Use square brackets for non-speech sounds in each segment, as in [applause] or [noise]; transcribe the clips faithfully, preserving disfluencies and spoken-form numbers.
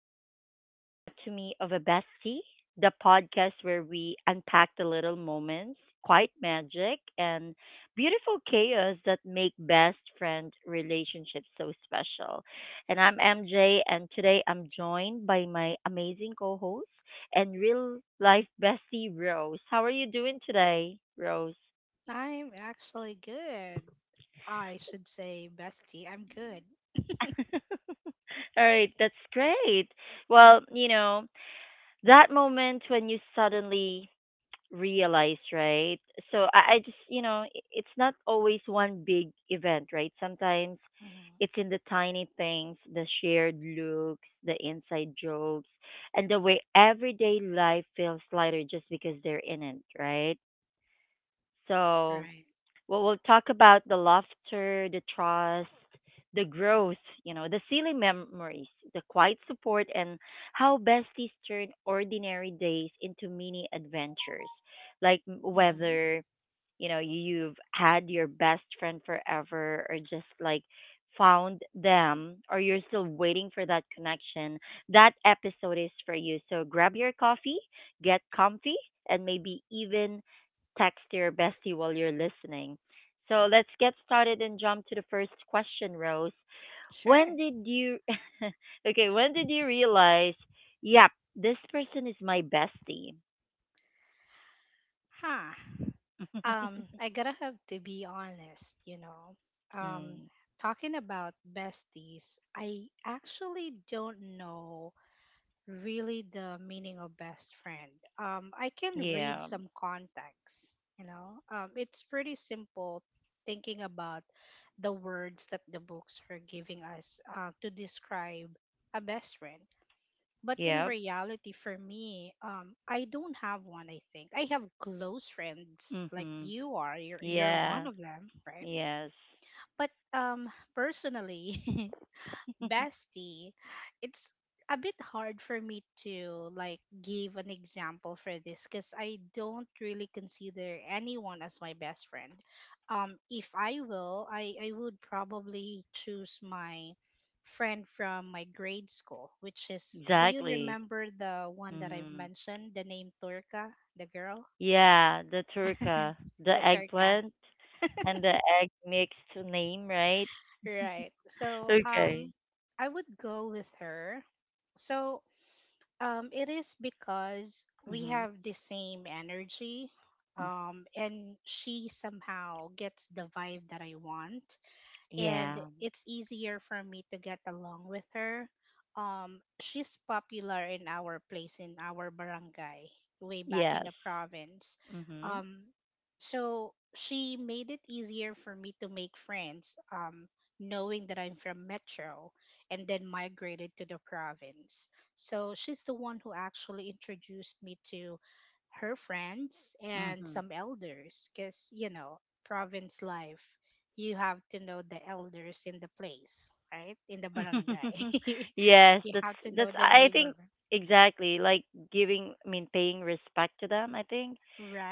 to the Anatomy of a Bestie, the podcast where we unpack the little moments, quiet magic, and beautiful chaos that make best friend relationships so special. And I'm M J, and today I'm joined by my amazing co host and real life bestie, Rose. How are you doing today, Rose? I'm actually good. I should say, bestie, I'm good. [laughs] All right, that's great. Well, you know, that moment when you suddenly realize, right? So I, I just, you know, i- it's not always one big event, right? Sometimes it's Hmm in the tiny things, the shared looks, the inside jokes, and the way everyday life feels lighter just because they're in it, right? So Right. well, we'll talk about the laughter, the trust, the growth, you know, the silly memories, the quiet support, and how besties turn ordinary days into mini adventures. Like m- hmm whether you know you've had your best friend forever or just like found them or you're still waiting for that connection, that episode is for you. So grab your coffee, get comfy, and maybe even text your bestie while you're listening. So let's get started and jump to the first question, Rose. Sure. When did you [laughs] Okay, when did you realize, yep, this person is my bestie? Huh. [laughs] Um, I gotta have to be honest, you know. Um, mm, talking about besties, I actually don't know really the meaning of best friend. Um, I can read yeah. some context, you know. Um, it's pretty simple thinking about the words that the books are giving us uh, to describe a best friend. But in Yep. reality, for me, um, I don't have one. I think I have close friends, like Mhm. you are. You're you're one Yeah. of them, right? Yes. But um, personally, [laughs] [laughs] bestie it's a bit hard for me to like give an example for this because I don't really consider anyone as my best friend. Um if I will, i i would probably choose my friend from my grade school, which is, do you Exactly. remember the one that I've Mhm. mentioned, the name Turka, the girl? Yeah, the turka, [laughs] The the Turka. eggplant, and the egg mixed name, right? Right. So Okay. um I would go with her. So Um, it is because we Mhm. have the same energy, Mm. um, and she somehow gets the vibe that I want, and Yeah. it's easier for me to get along with her. Um, she's popular in our place, in our barangay way back in Yes. the province. Mhm. Um, so she made it easier for me to make friends, um, knowing that I'm from Metro and then migrated to the province. So she's the one who actually introduced me to her friends and Mhm. some elders, because you know, province life, you have to know the elders in the place, right? In the barangay. [laughs] [laughs] Yes, You that's have to know that's the I neighbor. think exactly like giving, I mean, paying respect to them, I think.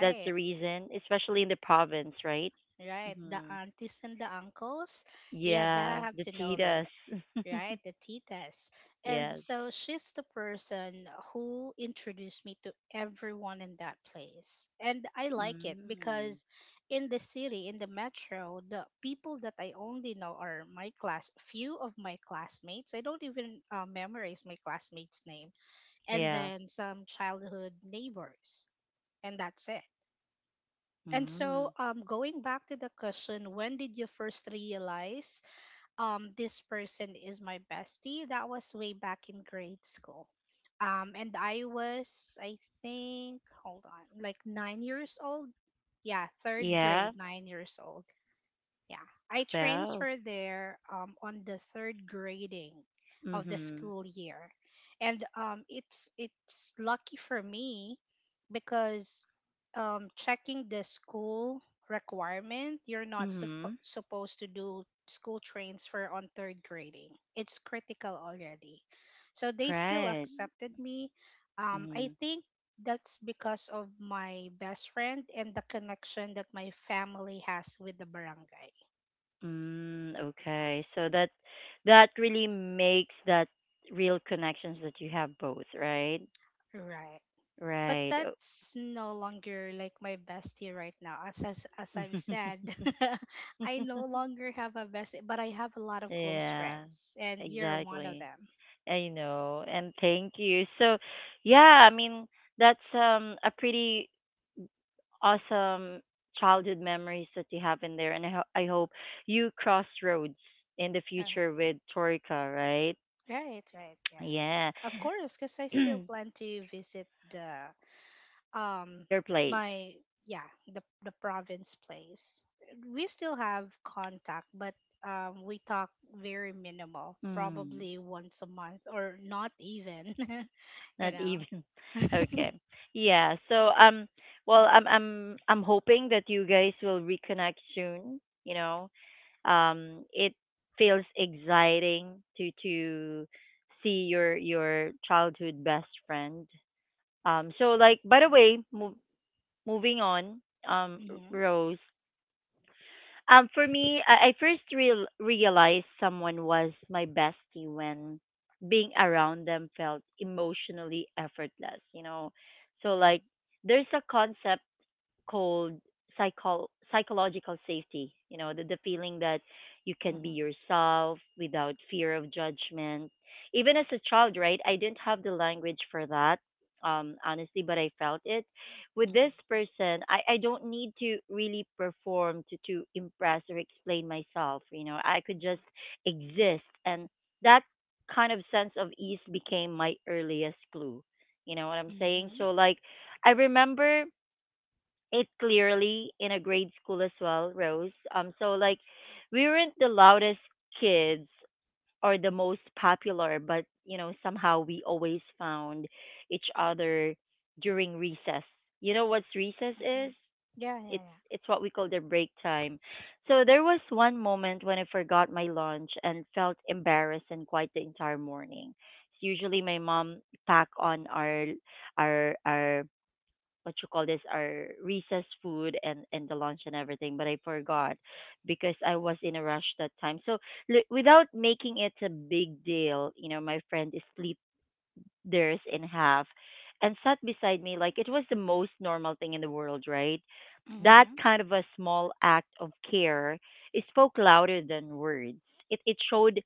That's the reason, especially in the province, right? right. The Mhm. aunties and the uncles. Yeah, Yeah, gotta have the to know them, cheetahs. [laughs] right? The titas. And Yes. so she's the person who introduced me to everyone in that place. And I like it Mm. because in the city, in the metro, the people that I only know are my class, few of my classmates. I don't even uh, memorize my classmates' name. And Yeah. then some childhood neighbors. And that's it. And Mm. so, um, going back to the question, when did you first realize um, this person is my bestie? That was way back in grade school. Um, and I was, I think, hold on, like nine years old. Yeah, third Yeah. grade, nine years old. Yeah, I Wow. transferred there um, on the third grading of the Mhm. school year, and um, it's it's lucky for me because um, checking the school requirement, you're not suppo- Mhm. supposed to do school transfer on third grading. It's critical already, so they still Right. accepted me. Um, I Mhm. think that's because of my best friend and the connection that my family has with the barangay. Mm, Yeah. okay. So that that really makes that real connections that you have both, right? Right. But Right. that's no longer like my bestie right now. As as, as Oh. I've said, [laughs] I no [laughs] longer have a bestie, but I have a lot of close Yeah, friends, and you're one of exactly. them. I know. And thank you. So, yeah, I mean, that's um a pretty awesome childhood memories that you have in there. And I, ho- I hope you cross roads in the Uh, future with Torika, right? Right, right, yeah. Yeah. Of course, because I still [clears throat] plan to visit the um Your place. my yeah the the province place. We still have contact, but um we talk very minimal, Mm, probably once a month or not even. [laughs] You not know? even. [laughs] Okay. Yeah. So um well I'm I'm I'm hoping that you guys will reconnect soon, you know. Um, it feels exciting to to see your your childhood best friend. Um so like by the Right? way, mov Moving on, um, Mhm. Rose. Um, for me, I, I first real realized someone was my bestie when being around them felt emotionally effortless. You know, so Mhm. like there's a concept called psycho- psychological safety. You know, the, the feeling that you can be mhm yourself without fear of judgment. Even as a child, right? I didn't have the language for that, um, honestly, but I felt it. With this person, I, I don't need to really perform to, to impress or explain myself. You know, I could just mhm exist. And that kind of sense of ease became my earliest clue. You know what I'm saying? mhm So, like, I remember it clearly in a grade school as well, Rose. Um, so like we weren't the loudest kids or the most popular, but you know somehow we always found each other during recess. You know what's recess is? mhm yeah yeah It's yeah it's what we call the break time. So there was one moment when I forgot my lunch and felt embarrassed and quite the entire morning. Usually my mom pack on our our our what you call this, our recess food and and the lunch and everything, but I forgot because I was in a rush that time. So li- without making it a big deal, you know, my friend is split theirs in half and sat beside me like it was the most normal thing in the world, right? That mhm kind of a small act of care, it spoke louder than words. It it showed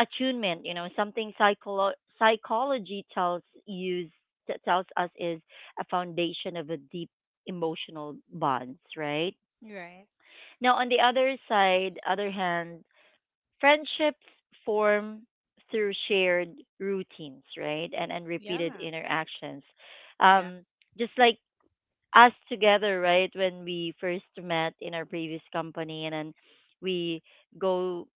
attunement, you know, something psycholo- psychology tells you, t- tells us, is a foundation of a deep emotional bonds, right? right Now on the other side, other hand, friendships form through shared routines, right, and and repeated yeah interactions, yeah um, just like us together, right? When we first met in our previous company, and then we go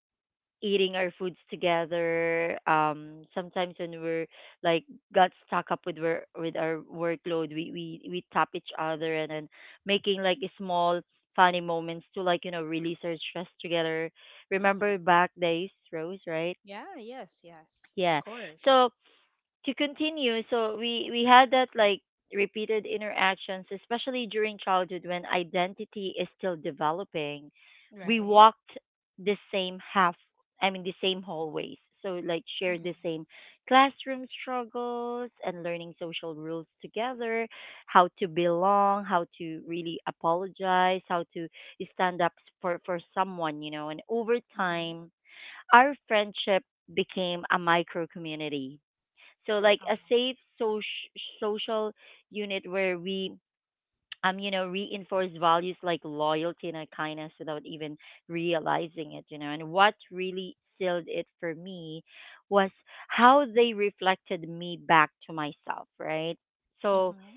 eating our foods together. Um, sometimes when we're like got stuck up with wor- with our workload, we we we tap each other, and then making like small funny moments to like, you know, release our stress together. Remember mhm back days, Rose, right? yeah yes yes of Yeah. course So to continue, so we we had that like repeated interactions, especially during childhood when identity is still developing. We right walked the same half I mean the same hallways, so like shared mhm the same classroom struggles and learning social rules together: how to belong, how to really apologize, how to stand up for for someone, you know. And over mhm time our friendship became a micro community, so like a oh safe, so social unit where we, um, you know, reinforce values like loyalty and uh, kindness without even realizing it, you know. And what really sealed it for me was how they reflected me back to myself, right? So mhm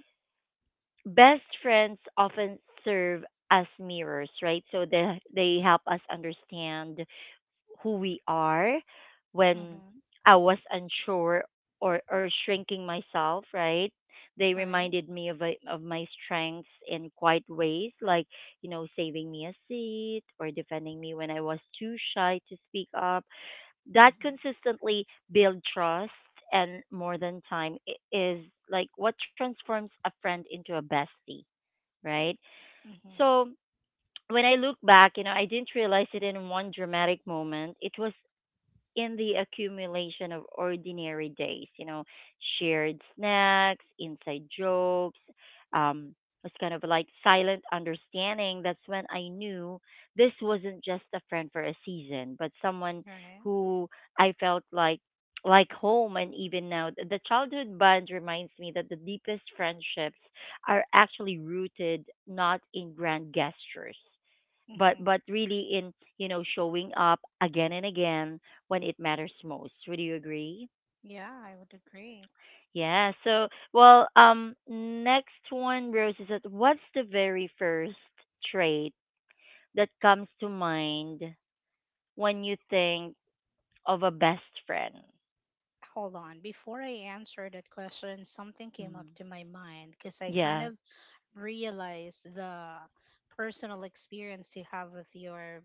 best friends often serve as mirrors, right? So they they help us understand who we are. When mhm I was unsure or or shrinking myself, right? They reminded me of a, of my strengths in quiet ways, like you know, saving me a seat or defending me when I was too shy to speak up. That Mm-hmm. consistently build trust, and more than time, i- is like what transforms a friend into a bestie, right? Mm-hmm. So when I look back, you know, I didn't realize it in one dramatic moment. It was in the accumulation of ordinary days, you know, shared snacks, inside jokes, um, it's kind of like silent understanding. That's when I knew this wasn't just a friend for a season, but someone Right. who I felt like like home. And even now th- the childhood bond reminds me that the deepest friendships are actually rooted not in grand gestures, but Mm-hmm. but really in, you know, showing up again and again when it matters most. Would you agree? Yeah, I would agree. Yeah. So well, um, next one, Rose, is that what's the very first trait that comes to mind when you think of a best friend? Hold on. Before I answer that question, something came up Mm. to my mind because I kind Yeah. of realized the personal experience you have with your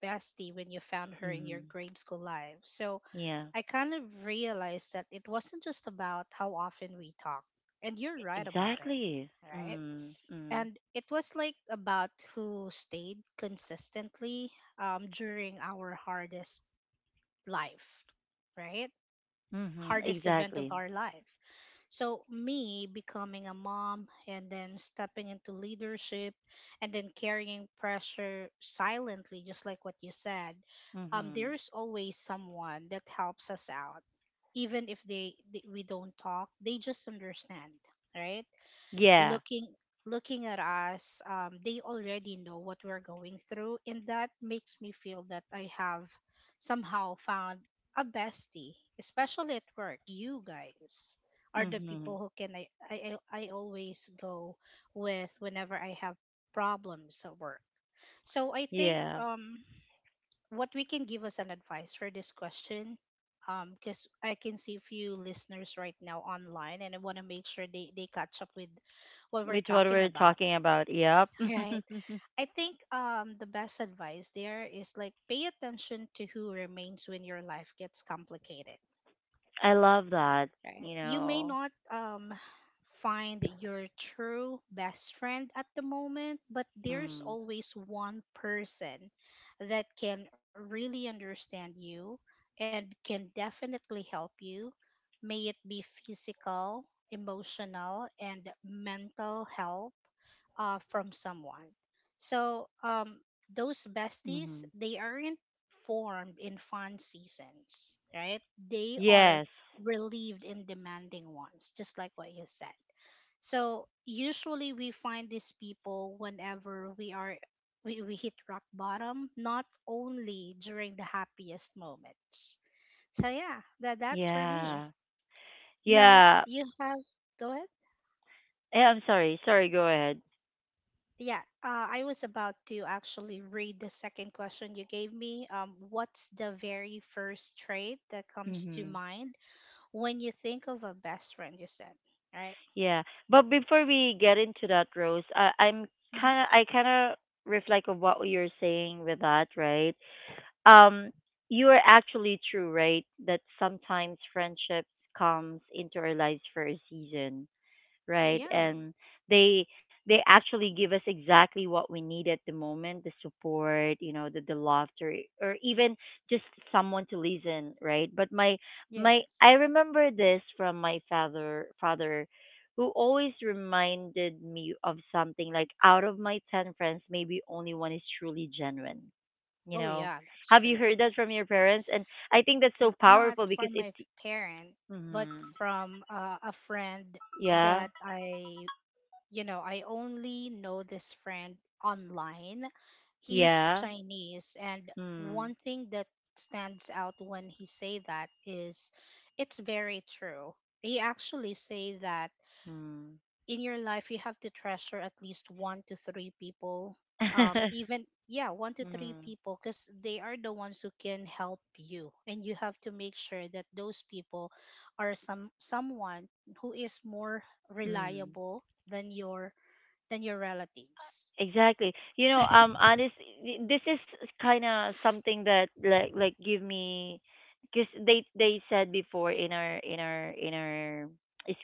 bestie when you found her in your mm. grade school life. So Yeah. I kind of realized that it wasn't just about how often we talk, and you're E- right about it, exactly. right? Mm. Mm. And it was like about who stayed consistently um, during our hardest life, right? Hmm, Hardest event of exactly. our life. So me becoming a mom, and then stepping into leadership, and then carrying pressure silently, just like what you said. Um, hmm. there's always someone that helps us out, even if they, they we don't talk, they just understand, right? Yeah. Looking looking at us, um, they already know what we're going through, and that makes me feel that I have somehow found a bestie, especially at work. You guys are the Hmm. people who can I I, I I always go with whenever I have problems at work. So I think Yeah. um what we can give us an advice for this question. um because I can see few listeners right now online, and I want to make sure they they catch up with what we're Which what talking we're about. talking about. Yep. [laughs] Right. [laughs] I think um the best advice there is, like, pay attention to who remains when your life gets complicated, I love that. right? You You may know. not um, find your true best friend at the moment, but there's Mm. always one person that can really understand you and can definitely help you, may it be physical, emotional, and mental help uh, from someone. So, um, those besties, Mm. they aren't formed in fun seasons, right? They are Yes. relieved and demanding ones, just like what you said. So usually we find these people whenever we are, we, we hit rock bottom, not only during the happiest moments. So yeah, that that's for me. Yeah. Now Yeah. you have, go ahead. Eh, I'm sorry. Sorry. Go ahead. Yeah, uh, I was about to actually read the second question you gave me. Um, what's the very first trait that comes to Hmm. mind when you think of a best friend? You said, right? Yeah. But before we get into that, Rose, I, I'm hmm kind of I kind of reflect on what you're saying with that, right? Um, you are actually true, right? That sometimes friendships comes into our lives for a season, right? Yeah. And they they actually give us exactly what we need at the moment, the support, you know, the, the laughter or even just someone to listen, right? But my my I Yes. remember this from my father father who always reminded me of something like out of my ten friends, maybe only one is truly genuine, you Oh, know. yeah, that's Have you true. heard that from your parents? And I think that's He, so not powerful because from it my parent, but mm, from uh, a friend yeah. that I, you know, I only know this friend online. He's Yeah. Chinese, and one Mm. thing that stands out when he say that is, it's very true. He actually say that Mm. in your life you have to treasure at least one to three people, um even yeah, one to [laughs] three mm, people, because they are the ones who can help you, and you have to make sure that those people are some someone who is more mm. reliable than your than your relatives. Exactly. You know, um, honest, y- this is kind of something that like like give me, because they they said before in our in our in our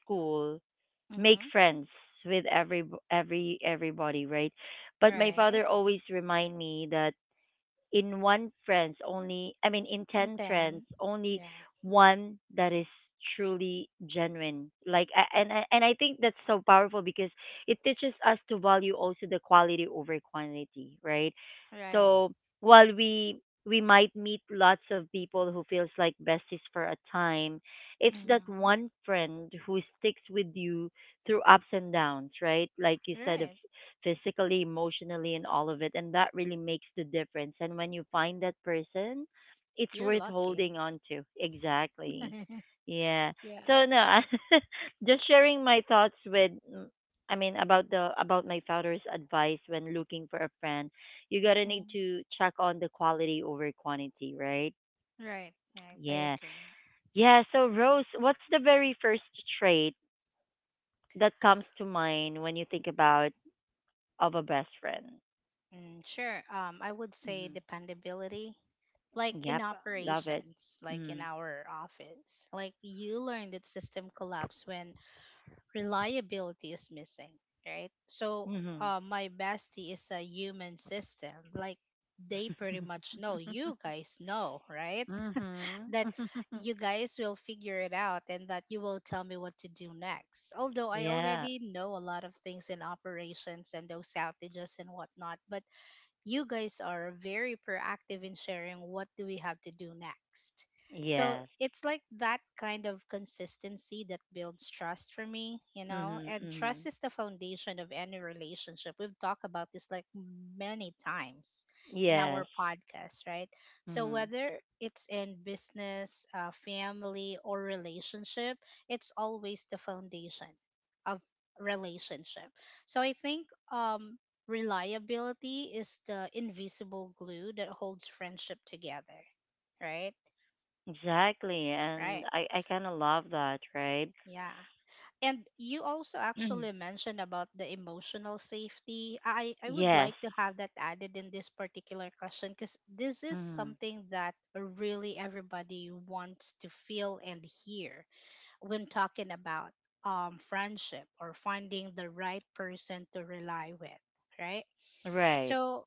school, make Mm-hmm. friends with every every everybody, right? But my Right. father always remind me that in one friends only I mean in And ten friends then only yeah. one that is truly genuine, like, a- and I- and I think that's so powerful because it teaches us to value also the quality over quantity, right? Right. So while we we might meet lots of people who feels like besties for a time, it's that Mm-hmm. one friend who sticks with you through ups and downs, right? Like you said, Right. physically, emotionally, and all of it. And that really makes the difference. And when you find that person, it's You're worth lucky. holding on to. Exactly. [laughs] Yeah. Yeah. So no, [laughs] I, just sharing my thoughts with, mm, I mean, about the about my father's advice when looking for a friend, you gotta need Mhm. to check on the quality over quantity, right? Right, right, I Yeah. agree. Yeah. So Rose, what's the very first trait that comes to mind when you think about of a best friend? Mm, sure. Um, I would say Mm-hmm. dependability, like in Yep, love it. operations, like in Mm. our office. Like you learn that system collapse when reliability is missing, right? So, Mhm. uh, my bestie is a human system. Like they pretty much know, [laughs] you guys know, right? [laughs] Mhm. That [laughs] you guys will figure it out and that you will tell me what to do next. Although I Yeah. already know a lot of things in operations and those outages and whatnot, but you guys are very proactive in sharing what do we have to do next. So Yes. it's like that kind of consistency that builds trust for me, you know, Mhm. and Mhm. trust is the foundation of any relationship. We've talked about this like many times in Yes. our podcast, right? So Mhm. whether it's in business, uh, family, or relationship, it's always the foundation of relationship. So I think um reliability is the invisible glue that holds friendship together, right? Exactly, and Right. I I kind of love that, right? Yeah. And you also actually [clears throat] mentioned about the emotional safety. I, I would Yes. like to have that added in this particular question, because this is Mhm. something that really everybody wants to feel and hear when talking about um, friendship or finding the right person to rely with, right? Right. So,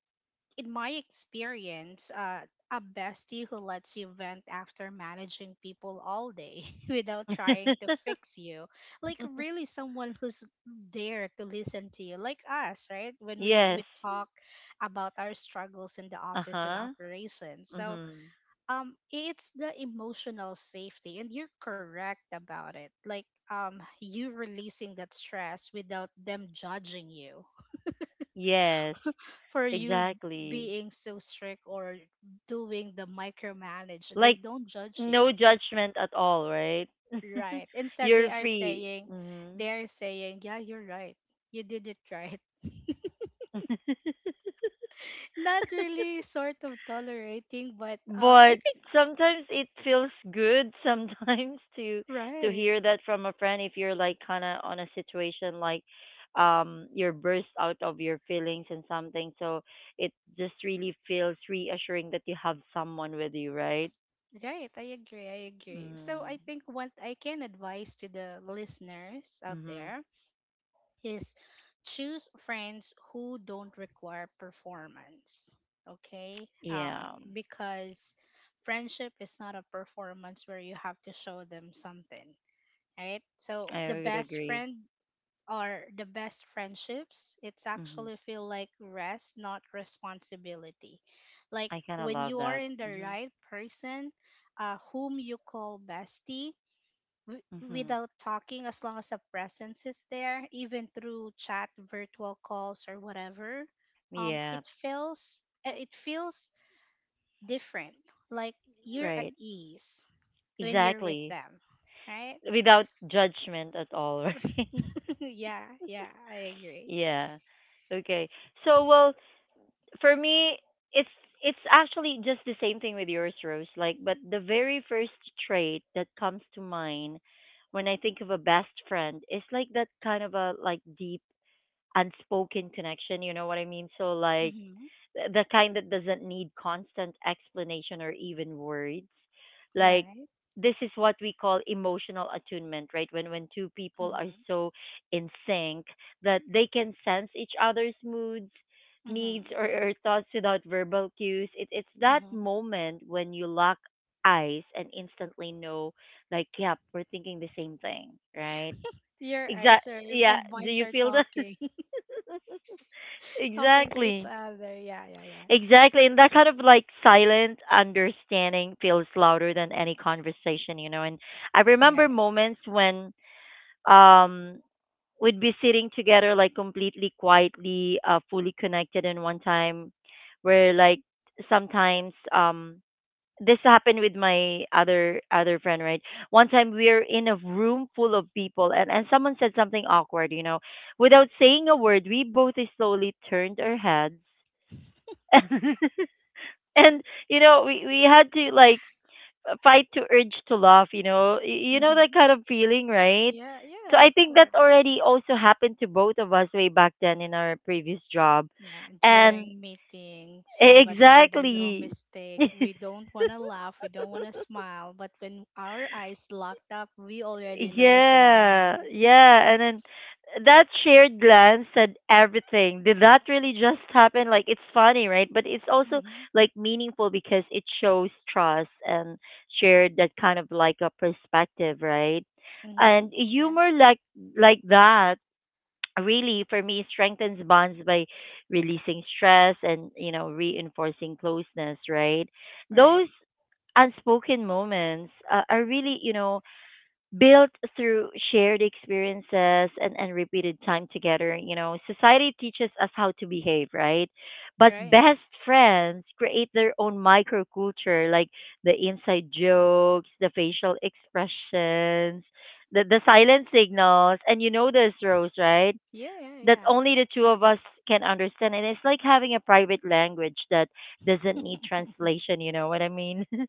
in my experience, uh, a bestie who lets you vent after managing people all day [laughs] without trying to [laughs] fix you, like really someone who's there to listen to you, like us, right? When we Yes. we talk about our struggles in the Uh office and huh. operations, so Mhm. um, it's the emotional safety, and you're correct about it, like um, you releasing that stress without them judging you Yes. for you Exactly. being so strict or doing the micromanage. They Like don't judge no you, judgment at all, right? [laughs] right? Instead, they You're are free. saying, Hmm. they are saying, yeah, you're right. You did it right. [laughs] [laughs] Not really sort of tolerating, but uh, I But think sometimes it feels good sometimes [laughs] to to right. hear that from a friend if you're like kind of on a situation like um you're burst out of your feelings and something, so it just really feels reassuring that you have someone with you, right? Right, I agree. I agree. So Mm. I think what I can advise to the listeners out Mhm. there is choose friends who don't require performance. Okay? Um, yeah, because friendship is not a performance where you have to show them something, right? So I the would best agree. friend or the best friendships, it's Mhm. actually feel like rest, not responsibility. Like I kind of when love you are that. in the Mhm. right person, uh, whom you call bestie, w- Hmm. without talking, as long as the presence is there, even through chat, virtual calls, or whatever, um it Yeah, feels uh, it feels different, like you're at right. ease when you're with Exactly. them, right? Without judgment at all, [laughs] right? [laughs] Yeah, yeah, I agree. Yeah. Okay. So, well, for me, it's it's actually just the same thing with yours, Rose. Like, but the very first trait that comes to mind when I think of a best friend is like that kind of a like deep unspoken connection, you know what I mean? So like Mm-hmm. the kind that doesn't need constant explanation or even words like Right. this is what we call emotional attunement, right? When when two people are Mm-hmm. so in sync that they can sense each other's moods, needs Mm-hmm. or, or thoughts without verbal cues. It, it's that Mm-hmm. moment when you lock eyes and instantly know, like, yep, we're thinking the same thing, right? Your Exact, eyes are yeah, and do minds you are feel that? talking. [laughs] [laughs] Talking to each Exactly. other. Yeah, yeah, yeah. Exactly. And that kind of like silent understanding feels louder than any conversation, you know. And I remember Right. moments when um we'd be sitting together like completely quietly, uh fully connected. And one time where like sometimes um this happened with my other other friend, right? One time we were in a room full of people, and, and someone said something awkward, you know. Without saying a word, we both slowly turned our heads [laughs] and, you know, we we had to like fight to urge to laugh, you know. Y- you know that Mm-hmm. kind of feeling, right? Yeah, So yeah, I of think that course. already also happened to both of us way back then in our previous job. Yeah, And during meetings, e- somebody made a little exactly. mistake. [laughs] We don't want to laugh, we don't want to smile, but when our eyes locked up, we already know what's in our Yeah, mind. yeah, and then that shared glance said everything. Did that really just happen? Like it's funny, right? But it's also Mhm. like meaningful because it shows trust and shared that kind of like a perspective, right? Mhm. And Yeah. humor like like that really for me strengthens bonds by releasing stress and, you know, reinforcing closeness, right? Right. Those unspoken moments uh, are really, you know, built through shared experiences and, and repeated time together. You know, society teaches us how to behave, right? But Right. best friends create their own microculture, like the inside jokes, the facial expressions, the, the silent signals. And you know this, Rose, right? Yeah, yeah, That yeah. only the two of us can understand. And it's like having a private language that doesn't need [laughs] translation, you know what I mean? [laughs]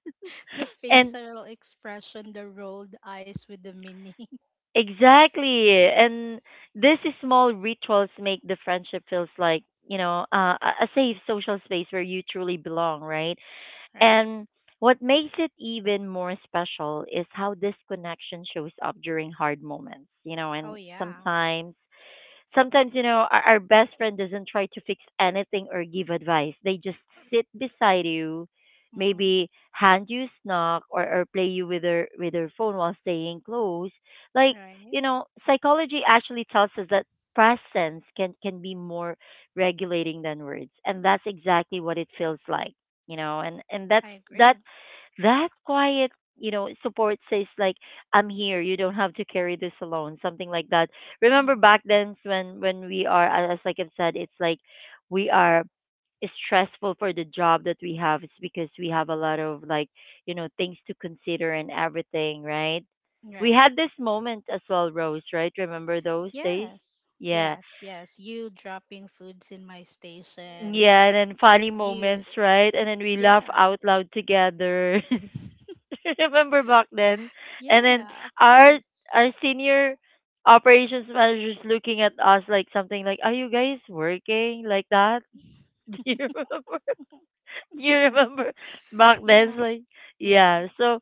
The And facial expression, the rolled eyes with the meaning. [laughs] exactly. And these small rituals make the friendship feels like, you know, uh, a a safe social space where you truly belong, right? Right. And what makes it even more special is how this connection shows up during hard moments, you know. Oh And yeah. sometimes sometimes, you know, our, our best friend doesn't try to fix anything or give advice. They just sit beside you, Mhm. maybe hand you snack or, or play you with their with their phone while staying close. Like, Right. you know, psychology actually tells us that presence can can be more regulating than words. And that's exactly what it feels like. You know. And, and that's I that agree. that quiet, you know, support says like, I'm here, you don't have to carry this alone, something like that. Remember Mhm. back then when when we are, as like I've said, it's like we are stressful for the job that we have. It's because we have a lot of like, you know, things to consider and everything, right? We Right. had this moment as well, Rose, right? Remember those days? Yes. Yeah, Yes, yes. You dropping foods in my station. yeah, and then funny You, moments, right? And then we laugh yeah, out loud together. [laughs] [laughs] Remember back then? And then yeah, of our course. our senior operations manager is looking at us like something like, "Are you guys working like that?" [laughs] Do you remember? [laughs] [laughs] You remember back then? It's Yeah, like, yeah, yeah. So,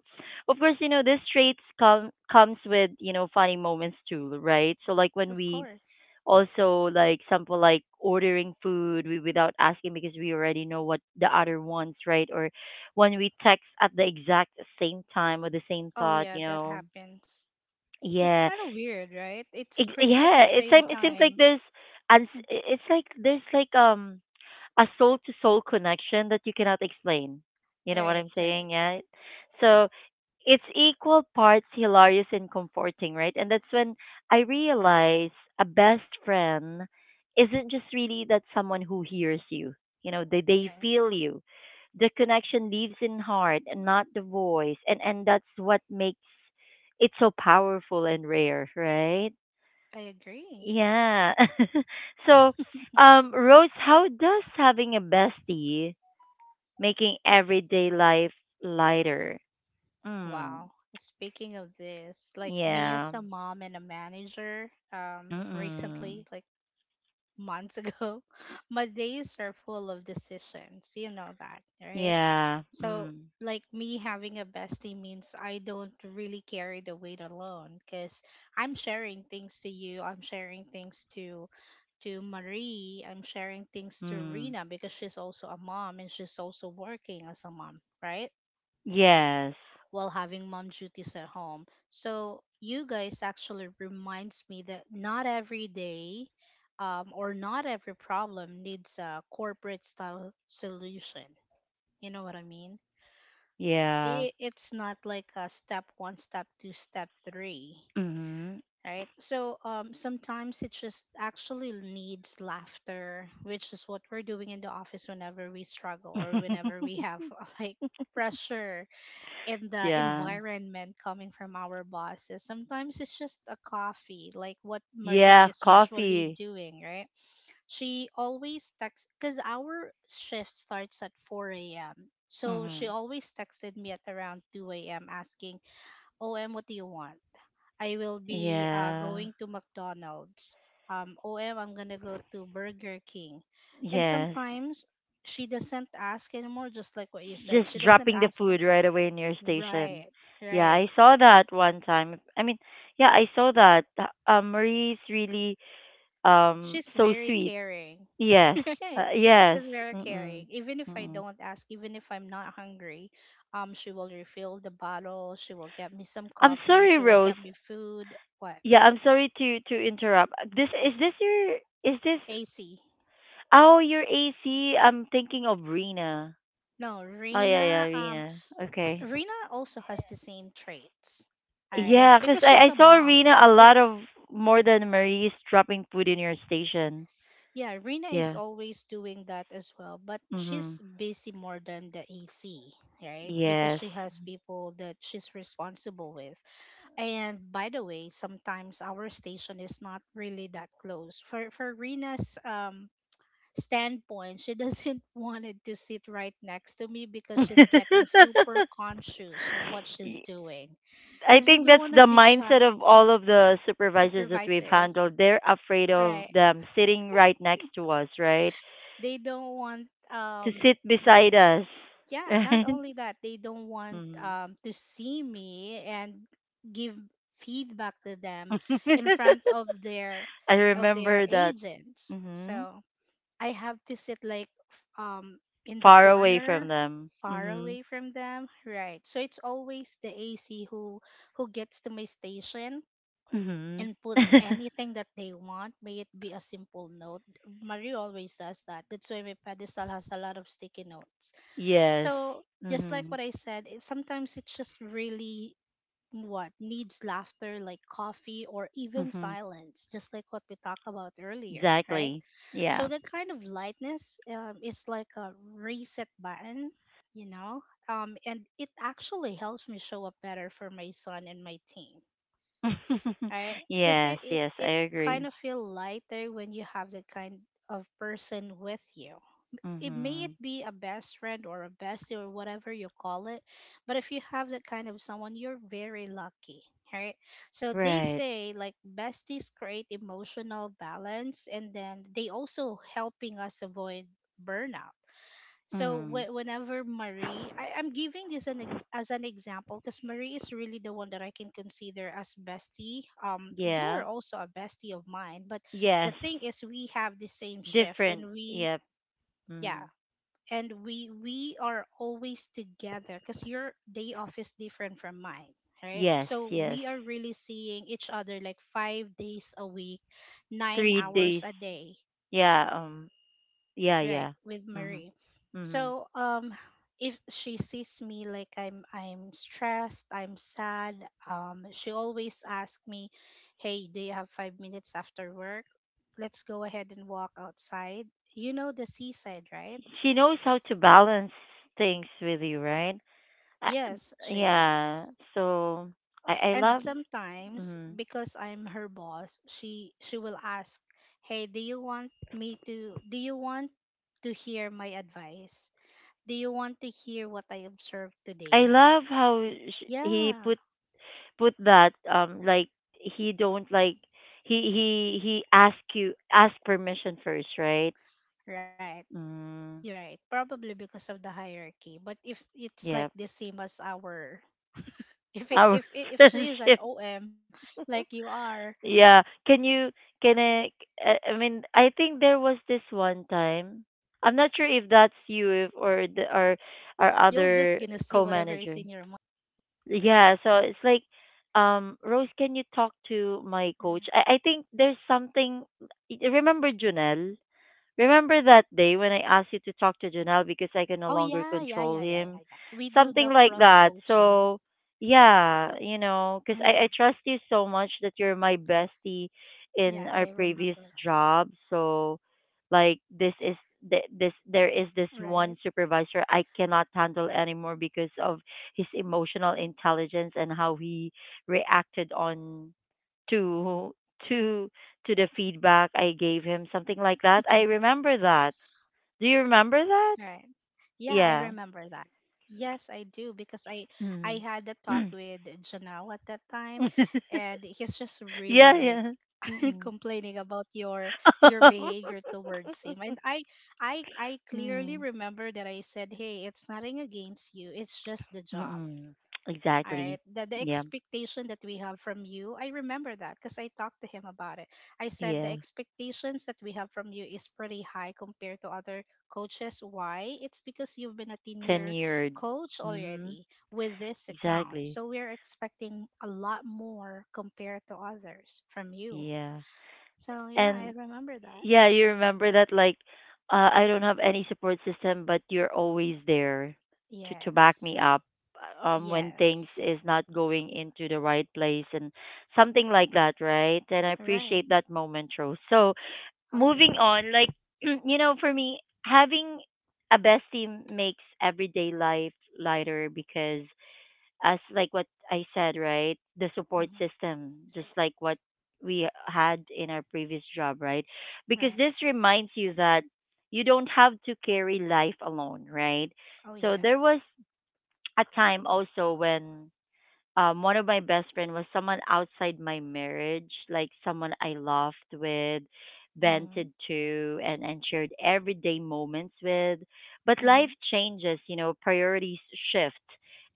of course, you know, this traits come comes with, you know, funny moments too, right? So, like, when of we course. also like example like ordering food wi- without asking because we already know what the other wants, right? Or when we text at the exact same time with the same Oh, thought, yeah, you that know. happens. It's Yeah. kind of weird, right? It's Ex- creepy at the Yeah, it, same seems it seems like time. there's and [laughs] it's like there's like um a soul to soul connection that you cannot explain. You know what Right, I'm right. saying? Yeah. So it's equal parts hilarious and comforting, right? And that's when I realize a best friend isn't just really that someone who hears you. You know, they they Yeah, feel you. The connection lives in heart and not the voice. And and that's what makes it so powerful and rare, right? I agree. Yeah. [laughs] So, [laughs] um, Rose, how does having a bestie making everyday life lighter? Mm. Wow. Speaking of this, like me as Yeah. a mom and a manager, um, Mm-mm. recently, like months ago, [laughs] my days are full of decisions. You know that, right? Yeah. So, Mm. like me having a bestie means I don't really carry the weight alone because I'm sharing things to you. I'm sharing things to to Marie. I'm sharing things to Mm. Rena because she's also a mom and she's also working as a mom, right? Yes. While having mom duties at home. So you guys actually reminds me that not every day um, or not every problem needs a corporate style solution. You know what I mean? Yeah. I- it's not like a step one, step two, step three, Mm-hmm. right? So um, sometimes it just actually needs laughter, which is what we're doing in the office whenever we struggle or whenever [laughs] we have [laughs] like pressure in the Yeah. environment coming from our bosses. Sometimes it's just a coffee, like what Marie Yeah. is usually Coffee. doing, right? She always texts because our shift starts at four a m. So she Mm-hmm. always texted me at around two a m asking, O M, what do you want? I will be uh, Yeah. going to McDonald's. Um, O M, I'm going to go to Burger King. And Yes. sometimes she doesn't ask anymore, just like what you said. Just She doesn't dropping the ask. an- food right away in your station. Right, Yeah, right. I saw that one time. I mean, yeah, I saw that. Uh, Um, Marie's really um She's so very sweet. caring, Yes, [laughs] right, uh, yes. she's very caring Mm-mm. even if I Mm-mm. don't ask, even if I'm not hungry. Um she will refill the bottle, she will get me some I'm coffee, sorry, she will Rose. get me food. What? Yeah, I'm sorry to to interrupt. This is this your is this? AC? Oh, your A am thinking of Rena. No, Oh yeah, yeah, Rena. um Rena. Okay. Rena also has the same traits, all right, Yeah, 'cause because I, she's I a saw mom. Rena a lot It's of more than Marie's dropping food in your station. Yeah, Rina is Yeah. always doing that as well, but she's Mhm. busy more than the A C, right? Because Yes. she has people that she's responsible with. And by the way, sometimes our station is not really that close. For for Rina's um standpoint, she doesn't [laughs] want it to sit right next to me because she's getting super [laughs] conscious of what she's Y- doing. I And she think don't that's want to the be chat mindset of all of the supervisors that we've supervisors, handled. They're afraid of right? them sitting right next to us, right? They don't want, To um sit beside us, [laughs] yeah, not right? only that, they don't want, Mhm. um, to see me and give feedback to them in front of [laughs] their I of their remember that. agents, Mhm. so I have to sit like f- um in the Far away corner, from them. far Mhm. away from them, right? So it's always the AC who who gets to my station Mhm. and put [laughs] anything that they want, may it be a simple note. Marie always does that, that's why my pedestal has a lot of sticky notes. Yes. So just like Mhm. what I said, it, sometimes it's just really what needs laughter, like coffee or even Mhm. silence, just like what we talked about earlier, right? Exactly. Yeah. So that kind of lightness, um, is like a reset button, you know, um, and it actually helps me show up better for my son and my team, [laughs] right? Because Yes, it, it yes, it I agree. kind of feel lighter when you have that kind of person with you. It may it Mhm. be a best friend or a bestie or whatever you call it, but if you have that kind of someone, you're very lucky, right? So they Right. say like besties create emotional balance and then they also helping us avoid burnout. So Mm. whe- whenever Marie, I, I'm giving this an, ex- as an example because Marie is really the one that I can consider as bestie. Um you are Yeah. also a bestie of mine, but the Yes. thing is we have the same shift Different. and we Yep. yeah Mm. and we we are always together because your day off is different from mine, right? Yes, So yes. we are really seeing each other like five days a week, nine three hours days. a day, Yeah, um yeah, right, yeah. with Mhm. Marie. Mhm. So um if she sees me like i'm i'm stressed, I'm sad, um she always asks me, "Hey, do you have five minutes after work? Let's go ahead and walk outside. You know, the seaside, right?" She knows how to balance things with you, right? I, Yes, she yeah. does. So I I And love. sometimes, Mhm. because I'm her boss, she she will ask, "Hey, do you want me to do you want to hear my advice? Do you want to hear what I observed I today?" love how sh he Yeah, put put that um like he don't like he he he ask you ask permission first, right? right. You're right. Probably Mm, because of the hierarchy. But if it's like the same as yeah, our [laughs] if it, if it, if she is our an O M [laughs] friendship. like you are, you will just gonna say whatever Yeah, is in can your you mind, can right? i i I mean, I think there was this one time. I'm not sure if that's you if, or the or our other co-manager. Yeah, so it's like Yeah. um Rose, can you talk to my coach? i, I think there's something. Y- remember Oh Junel? yeah, yeah, yeah, Remember yeah, that yeah, yeah. day when We I do asked you the to talk cross to Janelle because coaching. I can no longer control him? Oh Something yeah, like that. So, yeah, you know, because yeah, I, I I trust you remember. so much that you're my bestie in our previous job. So, Right, like, this is. th- This there is this one supervisor I cannot handle anymore because of his emotional intelligence and how he reacted on to to to the [laughs] feedback I gave him, something like that. I remember right. that. Yeah, I Do you remember remember that. that? Yes, I do Yeah. because I I had a talk with Janelle at Mm. that time, Mm. and he's just really like [clears throat] [laughs] [laughs] Yeah, complaining about yeah. your Mm-mm. your behavior towards him. And I [laughs] I I clearly remember that I said, Mm. "Hey, it's nothing against you. It's just the job." All Mm-mm. right. The the Exactly. expectation that Yeah. we have from you, I remember that because I talked to him about it. I said the Yeah. expectations that we have from you is pretty high compared to other coaches. Why? It's because you've been a ten year Tenured. coach Mm-hmm. already with this account. Exactly. So we're expecting a lot more compared to others from you. Yeah. So yeah, I And remember that. yeah, you remember that like, uh, I don't have any support system, but you're always there to to back me Yes. up, uh, um when things Yes. is not going into the right place and something like that, right? And I Right. appreciate that moment, Rose. So Oh moving yeah. on, like, [clears throat] you know, for me, having a best team makes everyday life lighter because as like what I said, right? The support Hmm. system, just like what we had in our previous job, right? Because Right. this reminds you that you don't have to carry life alone, right? Oh So yeah. there was a time also when um, one of my best friend was someone outside my marriage, like someone I laughed with, Mm-hmm. vented to, and and shared everyday moments with. But life Mm-hmm. changes, you know, priorities shift,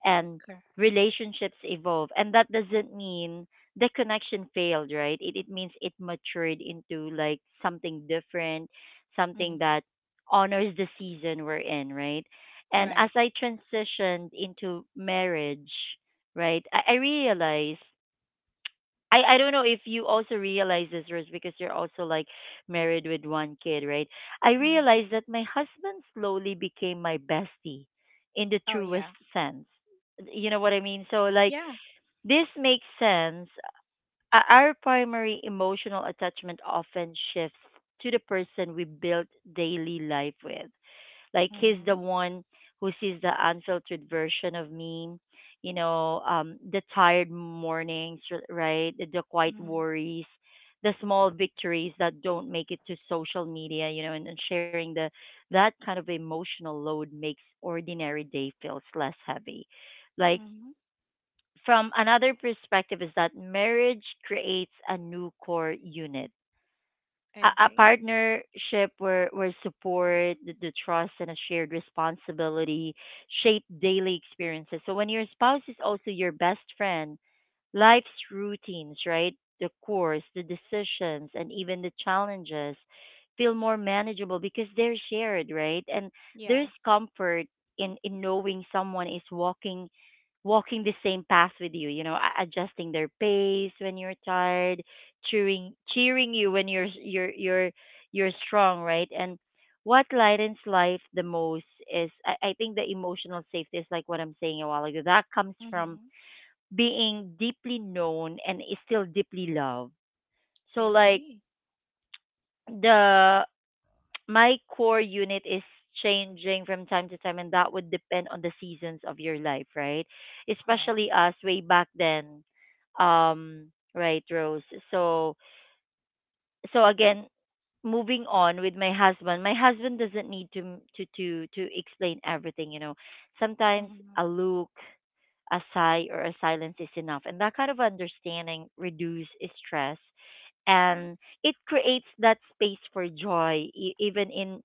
and relationships evolve, and that doesn't mean the connection failed, right? It it means it matured into like something different, something Mhm. that honors the season we're in, right? And as Right. I transitioned into marriage, right? I, I realize. I, I don't know if you also realize this, Rose, because you're also like married with one kid, right? I Hmm. realized that my husband slowly became my bestie in the Oh truest yeah. sense. You know what I mean? So, like, Yeah. this makes sense. O- Our primary emotional attachment often shifts to the person we build daily life with, like he's the Mm-hmm. one who sees the unfiltered version of me, you know, um, the tired mornings, r- right? The, the quiet Mm-hmm. worries, the small victories that don't make it to social media, you know. And, and sharing the that kind of emotional load makes ordinary day feels less heavy. Like Mm-hmm. from another perspective is that marriage creates a new core unit, I a, a agree. partnership where, where support, the, the trust, and a shared responsibility shape daily experiences. So when your spouse is also your best friend, life's routines, right? The course, the decisions, and even the challenges feel more manageable because they're shared, right? And Yeah. there's comfort in, in knowing someone is walking walking the same path with you, you know, a- adjusting their pace when you're tired, cheering cheering you when you're you're you're you're strong, right? And what lightens life the most is, I, I think, the emotional safety is like what I'm saying a while ago. That comes from Mm-hmm. being deeply known and is still deeply loved. I So like agree. the my core unit is changing from time to time, and that would depend on the seasons of your life, right? Right. Especially us way back then. Um right, Rose. So so again moving on with my husband, my husband doesn't need to to to to explain everything, you know. Sometimes Mm-hmm. a look, a sigh, or a silence is enough. And that kind of understanding reduce stress, and it creates that space for joy e- even in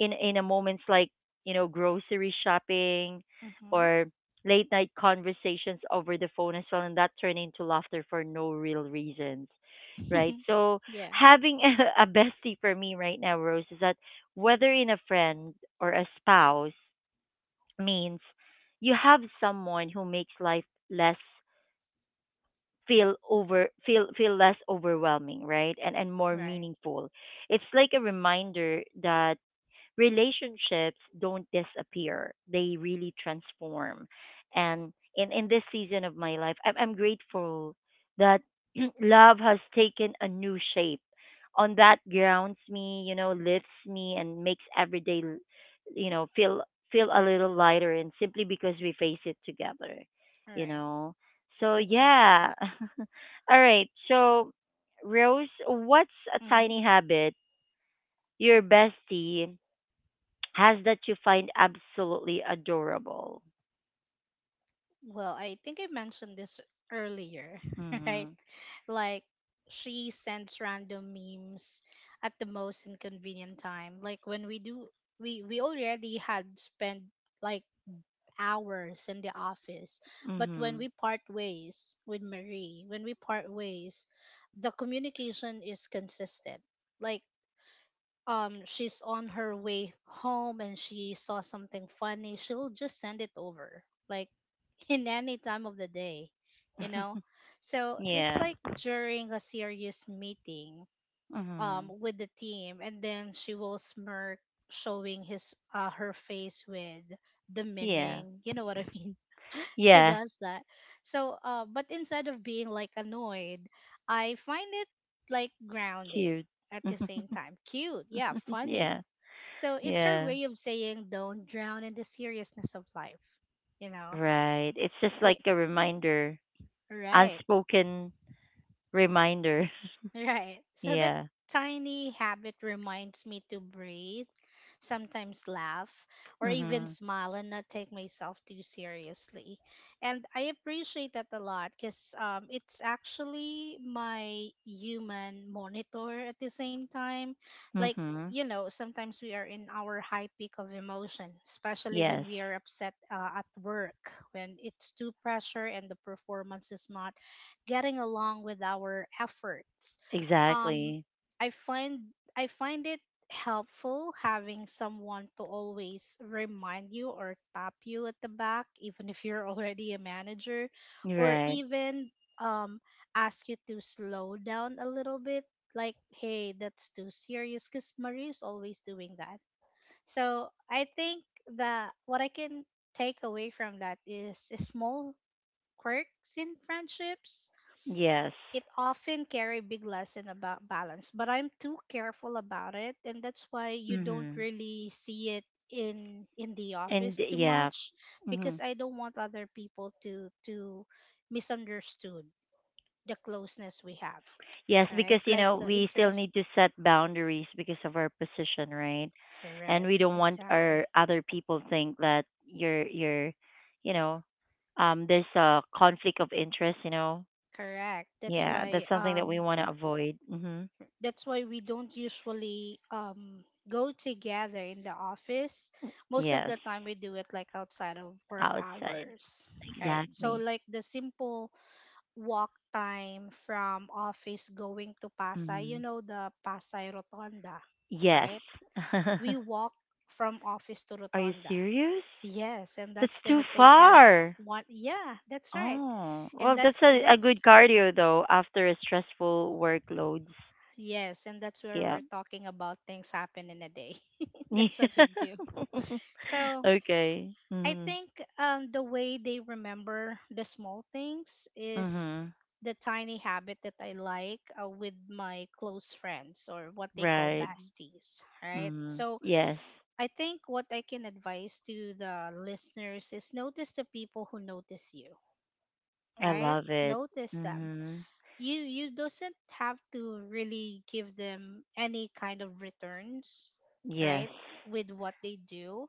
in in a moments like, you know, grocery shopping Mm-hmm. or late night conversations over the phone as well, and that turn into laughter for no real reasons. Right. [laughs] So Yeah. having [laughs] a, a bestie for me right now, Rose, is that whether in a friend or a spouse means you have someone who makes life less feel over feel feel less overwhelming, right, and and more Right. meaningful. It's like a reminder that relationships don't disappear, they really transform. And in in this season of my life, i'm, I'm grateful that [clears throat] love has taken a new shape on that grounds me, you know, lifts me and makes every day l- you know feel, feel a little lighter, and simply because we face it together, you Right. know. So That's so cool. yeah. [laughs] All right, so, Rose, what's a Mm-hmm. tiny habit your bestie has that you find absolutely adorable? Well, I think I mentioned this earlier, [laughs] right? Mhm. Like she sends random memes at the most inconvenient time. Like when we do, we we already had spent like hours in the office. But when Mhm. we part ways with Marie, when we part ways, the communication is consistent. Like um she's on her way home and she saw something funny, she'll just send it over. Like [laughs] in any time of the day, you know? So it's Yeah. like during a serious meeting um Mhm. with the team and then she will smirk, showing his uh her face with the Yeah. meaning, you know what I mean? [laughs] She Yeah. does that. So uh but instead of being like annoyed, I find it like grounding, Cute. at the same [laughs] time cute, yeah, funny. Yeah. So it's her Yeah. way of saying, don't drown in the seriousness of life, you know? Right. It's just like It a reminder, Right. unspoken reminder. Right. [laughs] So that Yeah. tiny habit reminds me to breathe, sometimes laugh, or even Mhm. smile and not take myself too seriously. And I appreciate that a lot because um, it's actually my human monitor at the same time. Like, Mhm. you know, sometimes we are in our high peak of emotion, especially when Yes. we are upset uh, at work, when it's too pressure and the performance is not getting along with our efforts. um Exactly. i find i find it helpful having someone to always remind you or tap you at the back even if you're [laughs] already a manager, or Right. even um ask you to slow down a little bit, like, hey, that's too serious, because Marie's always doing that. So I think that what I can take away from that is small quirks in friendships Yes. it often carry big lesson about balance, but I'm too careful about it, and that's why you don't Mhm. really see it in in the And office too yeah. much, Mm-hmm. because I don't want other people to to misunderstood the closeness we have, Yes, right? because you Like know, the we still interest, need to set boundaries because of our position, right? And right? we don't want our Exactly. other people think that you're you're you know, um there's a conflict of interest, you know. Correct, that's Yeah, that's why, something that we um want to avoid. Mhm. that's why we don't usually um go together in the office, most of Yes, the time we do it like outside of work outside. hours, right? So Exactly. like the simple walk time from office going to Pasay, you Mhm. know, the Pasay Rotonda, Yes. right? [laughs] We walk from office to Are you Rotonda. serious? Yes, and That's that's too gonna take us far. one, yeah, that's right. Oh, and well, that's that's a, a good that's cardio though after a stressful workloads. yes, and that's where Yeah. we're talking about things happen in a day. [laughs] That's what we [laughs] do. So Okay. I Mhm. think, um, the way they remember the small things is Mhm. the tiny habit that I like, uh, with my close friends or what they call Right. besties, right? Mhm. So Yes. I think what I can advise to the listeners is notice the people who notice you, I right? love it. Notice them, Mhm. you you doesn't have to really give them any kind of returns, Yes. right, with what they do,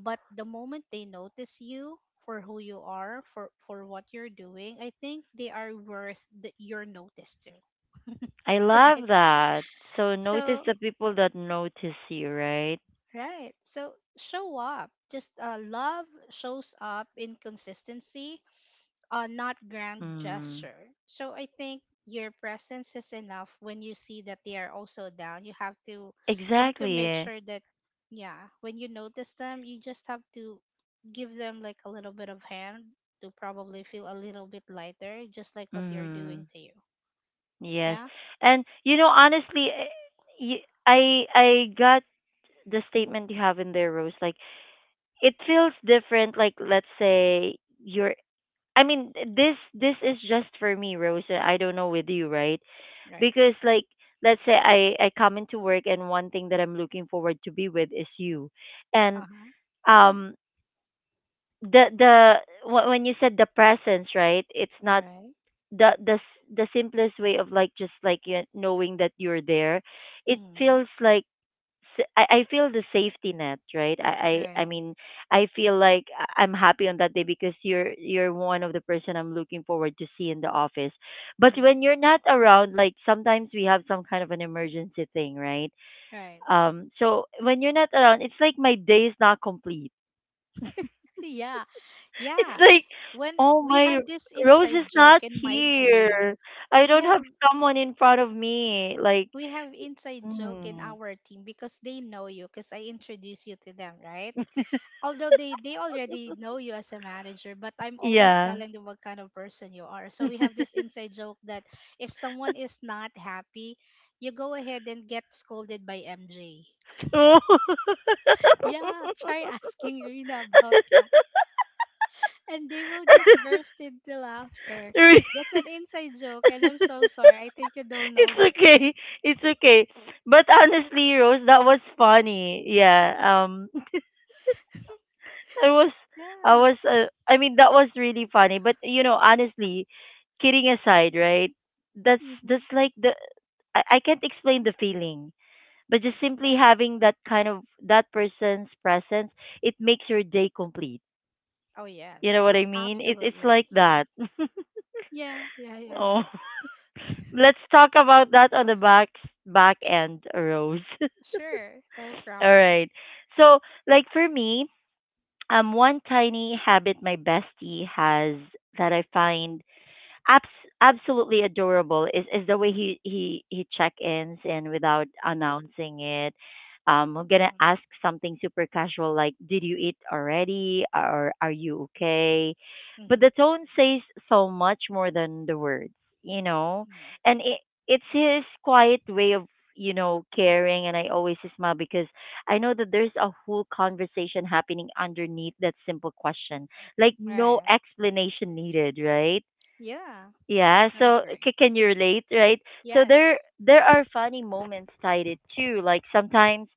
but the moment they notice you for who you are, for for what you're doing, I think they are worth the, your notice too. I [laughs] Right. love that. So notice So the people that notice you, right? right, so show up, just uh, love shows up in consistency, uh, not grand Mm. gesture. So I think your presence is enough. When you see that they are also down. You have to you have to make Exactly. sure that yeah, when you notice them, you just have to give them like a little bit of hand to probably feel a little bit lighter, just like what they're doing Mm. to you. Yes. Yeah? And you know, honestly, eh, y- I I got the statement you have in there, Rose. Like it feels different. Like let's say you're, I mean, this this is just for me, Rosa. I don't know with you, right? Right. Because like, let's say I I come into work, and one thing that I'm looking forward to be with is you, and Uh-huh. um the the wh- when you said the presence, right? It's not Right. the the s- the simplest way of like just like you knowing that you're there. It Mm-hmm. feels like s- I, I feel the safety net, right? I, I I Right. mean I feel like I- I'm happy on that day because you're you're one of the person I'm looking forward to see in the office. But Mm-hmm. when you're not around, like sometimes we have some kind of an emergency thing, right? Right. [laughs] Um so when you're not around, it's like my day is not complete. Yeah. [laughs] It's Yeah. like When oh we my, have this Rose is inside not joke in my team, here. I we don't have have someone in front of me. Like we have inside joke in mm, our team because they know you because I introduce you to them, right? Although they they already know you as a manager, but I'm always yeah. telling them what kind of person you are. So we have [laughs] this inside joke that if someone is not happy, you go ahead and get scolded by M J. Oh. Yeah, [laughs] try [laughs] asking Rina about that. And they will just [laughs] burst into laughter. That's an inside joke, and I'm so sorry. I think you don't know It's that yet. okay. It's okay. But honestly, Rose, that was funny. Yeah. Um [laughs] I was I Yeah. was uh, I mean that was really funny, but you know, honestly, kidding aside, right? That's hmm that's like the I, I can't explain the feeling, but just simply Okay. having that kind of that person's presence, it makes your day complete. Oh, You yes. know what Oh, I mean? It it's absolutely. like Yeah. that. Yeah. Yeah. Yeah. [laughs] Oh. Let's talk about that on the back back end, Rose. [laughs] Sure. No All problem. right. So, like for me, um, one tiny habit my bestie has that I find abs- absolutely adorable is is the way he he he check ins and without announcing it. um I'm gonna Mm-hmm. ask something super casual like, did you eat already, or are you okay? But Mm-hmm. the tone says so much more than the words, you know. Mm-hmm. And it it's his quiet way of, you know, caring, and I always smile because I know that there's a whole conversation happening underneath that simple question. Like no Right. explanation needed, right? Yeah. Yeah, I so agree. c- can you relate, right? So there Yes. there are funny moments tied it too. Like sometimes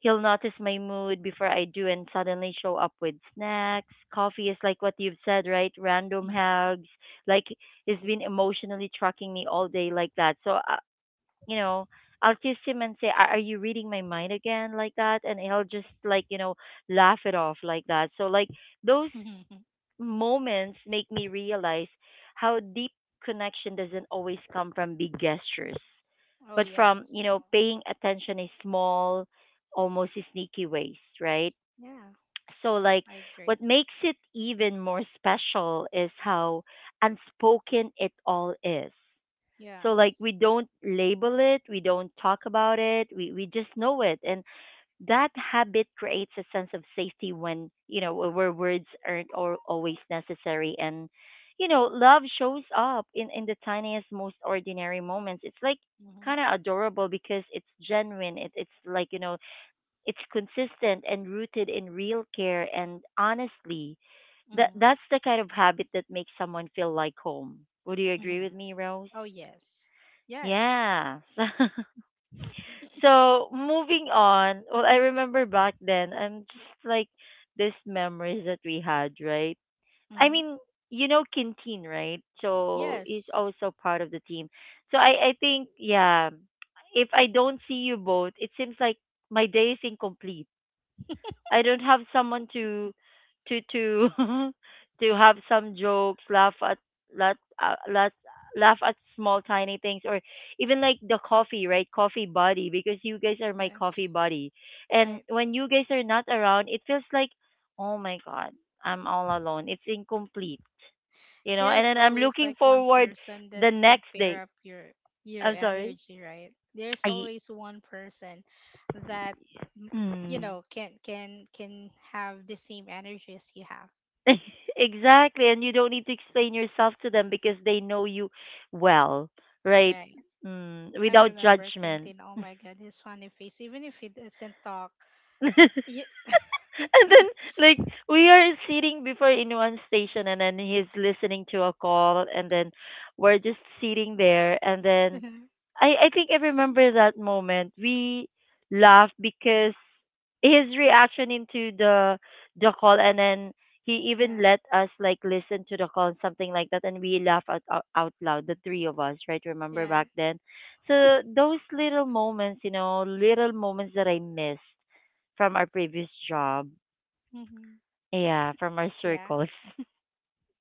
he'll notice my mood before I do and suddenly show up with snacks. Coffee is like what you've said, right? Random Mm. hugs. Like he's been emotionally trucking me all day like that. So uh, you know, I'll kiss him and say, "Are are you reading my mind again?" like that, and he'll just like you know laugh it off like that. So like those [laughs] moments make me realize how deep connection doesn't always come from big gestures, Oh, but from, you yes. know, paying attention in small, almost sneaky ways, right? Yeah. So, like, I agree. what makes it even more special is how unspoken it all is. So, like, Yes. we don't label it, we don't talk about it, we, we just know it. And that habit creates a sense of safety when you know where words aren't or always necessary, and you know love shows up in in the tiniest, most ordinary moments. It's like Mm-hmm. kind of adorable because it's genuine. It, it's like, you know, it's consistent and rooted in real care, and honestly, that Mm-hmm. that's the kind of habit that makes someone feel like home. Would you agree Mm-hmm. with me, Rose? Oh, yes. Yes. Yeah. [laughs] So moving on, well, I remember back then, I'm just like these memories that we had, right? I Mm-hmm. mean, you know, Quintin, right? So he's Yes. also part of the team. So I, I think, yeah, if I don't see you both, it seems like my day is incomplete. I don't have someone to to to [laughs] to have some jokes, laugh at laugh, uh, laugh, laugh at small tiny things, or even like the coffee, right? Coffee buddy, because you guys are my coffee Yes. buddy. And Right. when you guys are not around, it feels like oh my god, I'm all alone. It's incomplete. You know, and There's then I'm always looking like one forward person that the can next day. pair up your your I'm sorry. energy, right? There's I, always one person that, mm, you hmm. know, can can can have the same energy as you have, [laughs] Exactly, and you don't need to explain yourself to them because they know you well, right? right? Mm, I without remember judgment. Quentin, oh my god, his funny face even if he doesn't talk. [laughs] [laughs] Yeah. And [laughs] then, like, we are sitting before in one station, and then he's listening to a call, and then we're just sitting there, and then I I think I remember that moment. We laughed because his reaction into the the call, and then he even Yeah. let us like listen to the call and something like that, and we laugh out, out out loud, the three of us, right? Remember Yeah. back then? So those little moments, you know, little moments that I missed from our previous job. hmm Yeah, from our yeah. circles.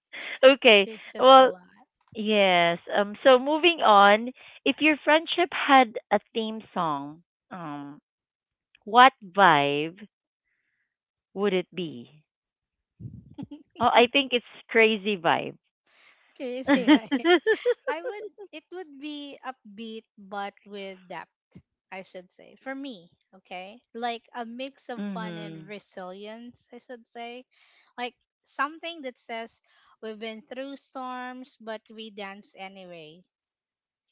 [laughs] Okay. There's just a Well, lot. yes. Um so moving on, if your friendship had a theme song, um what vibe would it be? [laughs] Oh, I think it's crazy vibe. Can you say hi? [laughs] [laughs] I would, it would be upbeat but with depth, I should say. For me, okay? Like a mix of fun and Mhm. resilience, I should say. Like something that says we've been through storms but we dance anyway,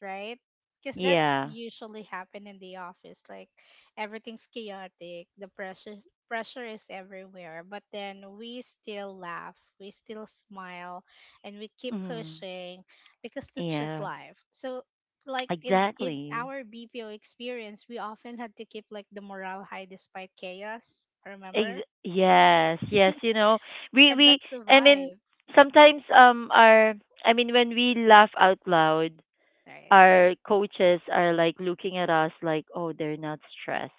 right? Because that Yeah. usually happen in the office. Like everything's chaotic, the pressure pressure is everywhere, but then we still laugh, we still smile, and we keep Mhm. pushing because that's just Yeah. life. So like in in Exactly. our B P O experience, we often had to keep like the morale high despite chaos. Remember? Ex- yes, yes, you know, we And we that's the I mean vibe, sometimes um our I mean when we laugh out loud, right? our coaches are like looking at us like, oh, they're not stressed.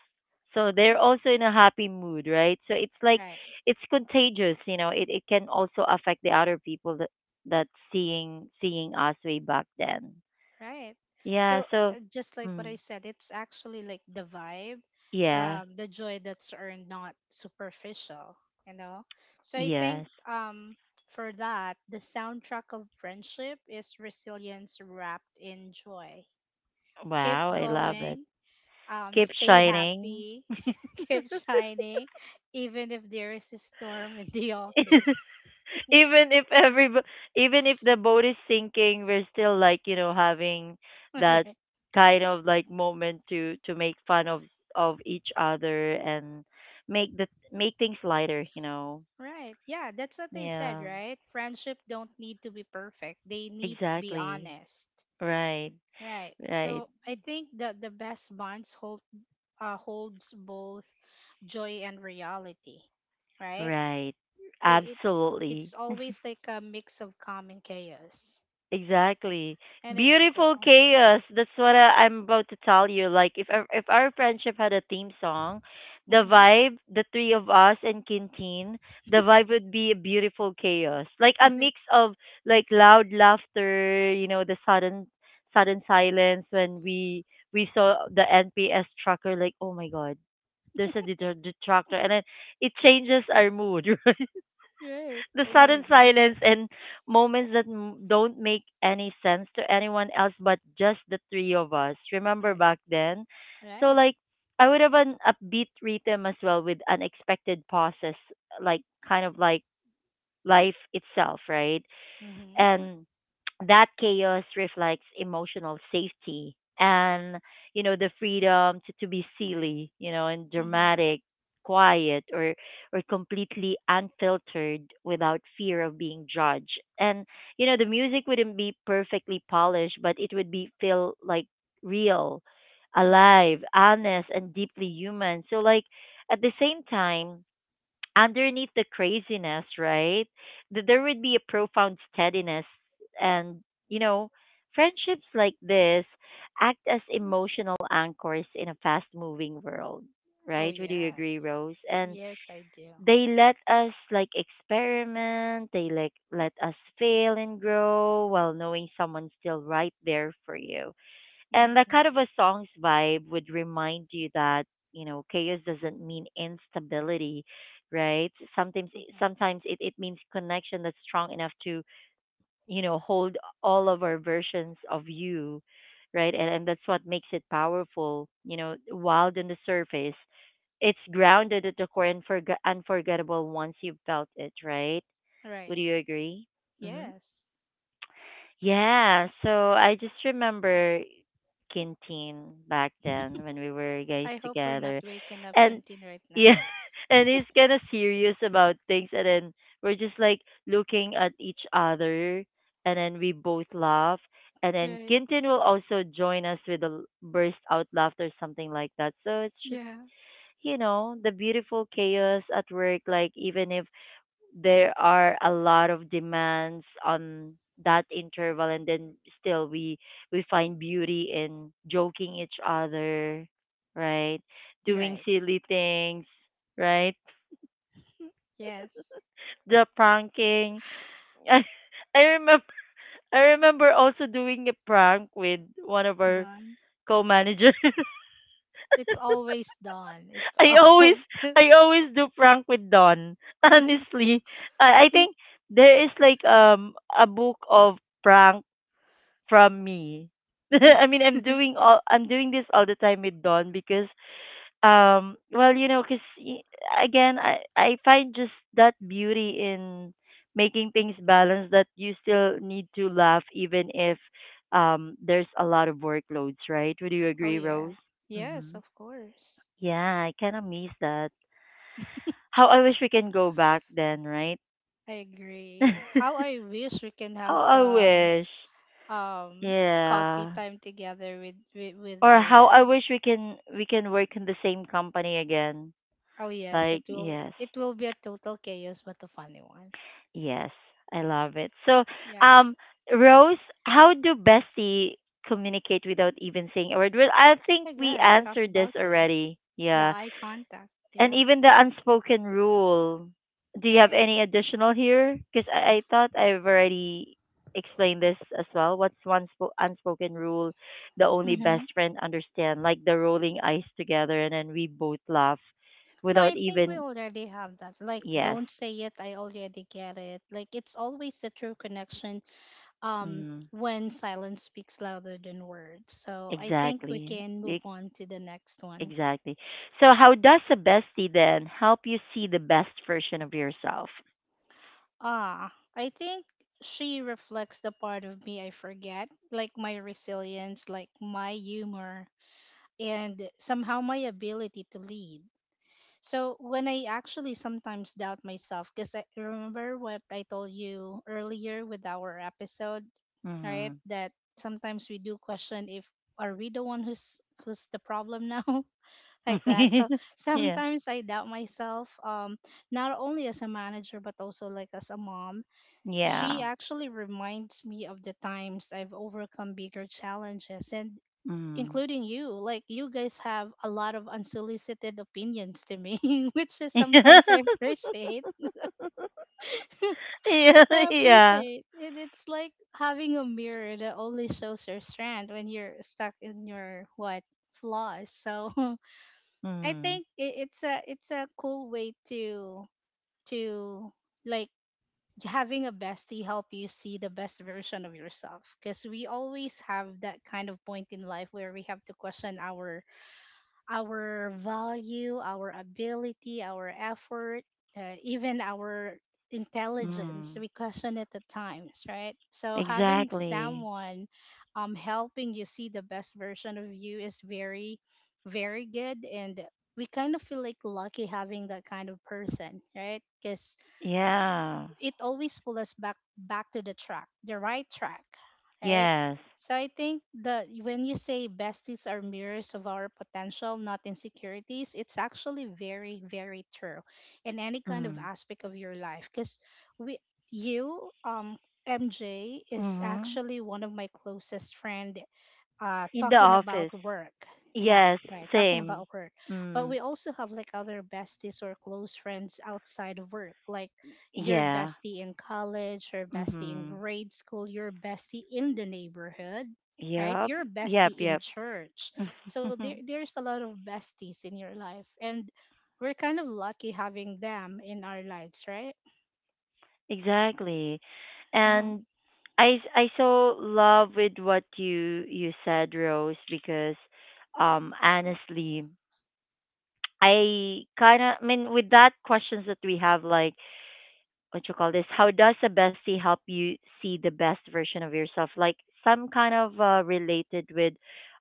So they're Yeah, also in a happy mood, right? So it's like right. it's contagious, you know. It it can also affect the other people that that seeing seeing us way back then. Right. Yeah. So So, uh, just like what mm, I said, it's actually like the vibe, yeah. um, the joy that's earned, not superficial, you know? So I think Yes. um for that, the soundtrack of friendship is resilience wrapped in joy. Keep Wow, I love it. going, um, Keep stay shining. happy, [laughs] keep shining, even if there is a storm in the [laughs] office. [laughs] Even if every, even if the boat is sinking, we're still like you know having [laughs] that Right. kind of like moment to to make fun of of each other and make the make things lighter, you know. Right. Yeah, that's what they said, Yeah, right? Friendship don't need to be perfect. They need to be exactly, honest. right, Right. right, So I think that the best bonds hold uh, holds both joy and reality, right? right, It, it absolutely. it's always like a mix of calm and chaos, Exactly. and it's Beautiful cool. chaos. That's what I, I'm about to tell you. Like if our, if our friendship had a theme song, the Mhm. vibe, the three of us and Quintin, the vibe would be a beautiful chaos. Like a mix [laughs] of like loud laughter, you know, the sudden sudden silence when we we saw the N P S tracker like, "Oh my god, there's a detra- detractor." And then it changes our mood. [laughs] Like, right. The Oh my sudden god. silence and moments that m- don't make any sense to anyone else but just the three of us. Remember Right. back then? So, Right. like, I would have an upbeat rhythm as well with unexpected pauses, like, kind of like life itself, right? Mhm. And that chaos reflects emotional safety and, you know, the freedom to, to be silly, you know, and Mhm. dramatic, quiet, or or completely unfiltered without fear of being judged. And, you know, the music wouldn't be perfectly polished, but it would be feel like real, Mhm. alive, honest, and deeply human. So like at the same time underneath the craziness, right? That there would be a profound steadiness, and, you know, friendships like this act as emotional anchors in a fast-moving world, Oh right? Would you agree, yes. Rose? And Yes, I do. they let us like experiment, they like let us fail and grow while knowing someone's still right there for you, and that Mhm. kind of a song's vibe would remind you that you know chaos doesn't mean instability, right? sometimes Mhm. sometimes it, it means connection that's strong enough to you know hold all of our versions of you, right? And, and that's what makes it powerful, you know, wild on the surface, it's grounded at the core and forg- unforgettable once you've felt it, right? Would Right. you agree? hmm Yes. yeah, so I just remember canteen back then when we were guys I hope we're not together. waking up And Quintin right yeah, now. [laughs] and he's kind of serious about things. And then we're just like looking at each other. And then we both laugh. And then Right. Kintin will also join us with a l- burst out laughter, something like that. So it's just, Yeah. you know, the beautiful chaos at work. Like, even if there are a lot of demands on that interval and then still we we find beauty in joking each other, right? Doing Right. silly things, right? Yes. [laughs] The pranking. I i remember. I remember also doing a prank with one of our Dawn. co-managers. [laughs] It's always dawn. It's i always all. i always do prank with Don. [laughs] [laughs] Honestly, i, I think there is like um a book of prank from me. [laughs] I mean, I'm doing all, I'm doing this all the time with Dawn because um well, you know, cause again, I I find just that beauty in making things balanced, that you still need to laugh even if um there's a lot of workloads, right? Would you Oh, agree, Rose? yeah. Yes, hmm of course. Yeah, I kind of miss that. How I wish we can go back then, right? I agree. How I wish we can [laughs] How have some I wish. um coffee Yeah. time together with with, with Or our. how I wish we can we can work in the same company again. Oh yes, it Like will yes, it will be a total chaos but a funny one. yes, I love it. So, Yeah. um, Rose, how do bestie communicate without even saying a word? Well, I think My we God, we talked answered this about this. already. The Yeah. eye contact. And Yeah. even the unspoken rule. Do you have Right. any additional here? Because I, I thought I've already explained this as well. What's one spo- unspoken rule the only Mm-hmm. best friend understand? Like the rolling eyes together, and then we both laugh No, I without think we even. already have that. Like, Yes. don't say it. I already get it. Like, it's always the true connection. Um, Mm, when silence speaks louder than words. So I think we exactly. can move E- on to the next one. Exactly. So, how does a bestie then help you see the best version of yourself? Ah, I think she reflects the part of me I forget, like my resilience, like my humor, and somehow my ability to lead. So when I actually sometimes doubt myself, because I remember what I told you earlier with our episode, right? Mm. That sometimes we do question if are we the one who's who's the problem now, [laughs] like that. [laughs] So Yeah. sometimes I doubt myself, um, not only as a manager but also like as a mom. She Yeah. actually reminds me of the times I've overcome bigger challenges, and Mm. including you, like you guys have a lot of unsolicited opinions to me [laughs] which is sometimes i [laughs] appreciate Yeah, i yeah. appreciate, and it's like having a mirror that only shows your strand when you're stuck in your, what, flaws? So [laughs] I Mm, think i- it's a it's a cool way to to like having a bestie help you see the best version of yourself, because we always have that kind of point in life where we have to question our our value, our ability, our effort, uh, even our intelligence. mm, We question it at times, right? So having exactly. someone um, helping you see the best version of you is very, very good. And we kind of feel like lucky having that kind of person, right? Because Yeah. it always pulls us back back to the track, the right track, right? Yes. So I think that when you say besties are mirrors of our potential, not insecurities, it's actually very, very true in any kind of Mm, aspect of your life. Because we, you, um, M J is mm-hmm. actually one of my closest friend uh In the talking about office. work. Yeah, Yes. right, talking Same. about work. But Mm, we also have like other besties or close friends outside of work, like your yeah. bestie in college, your bestie in Mm-hmm. grade school, your bestie in the neighborhood, right? Yep. Your Yep. bestie in Yep. church. So there, [laughs] there's a lot of besties in your life, and we're kind of lucky having them in our lives, right? Exactly. Mm, And I I so love with what you you said, Rose, because um honestly I kind of, I mean, with that questions that we have, like, what you call this? How does a bestie help you see the best version of yourself? Like some kind of uh, related with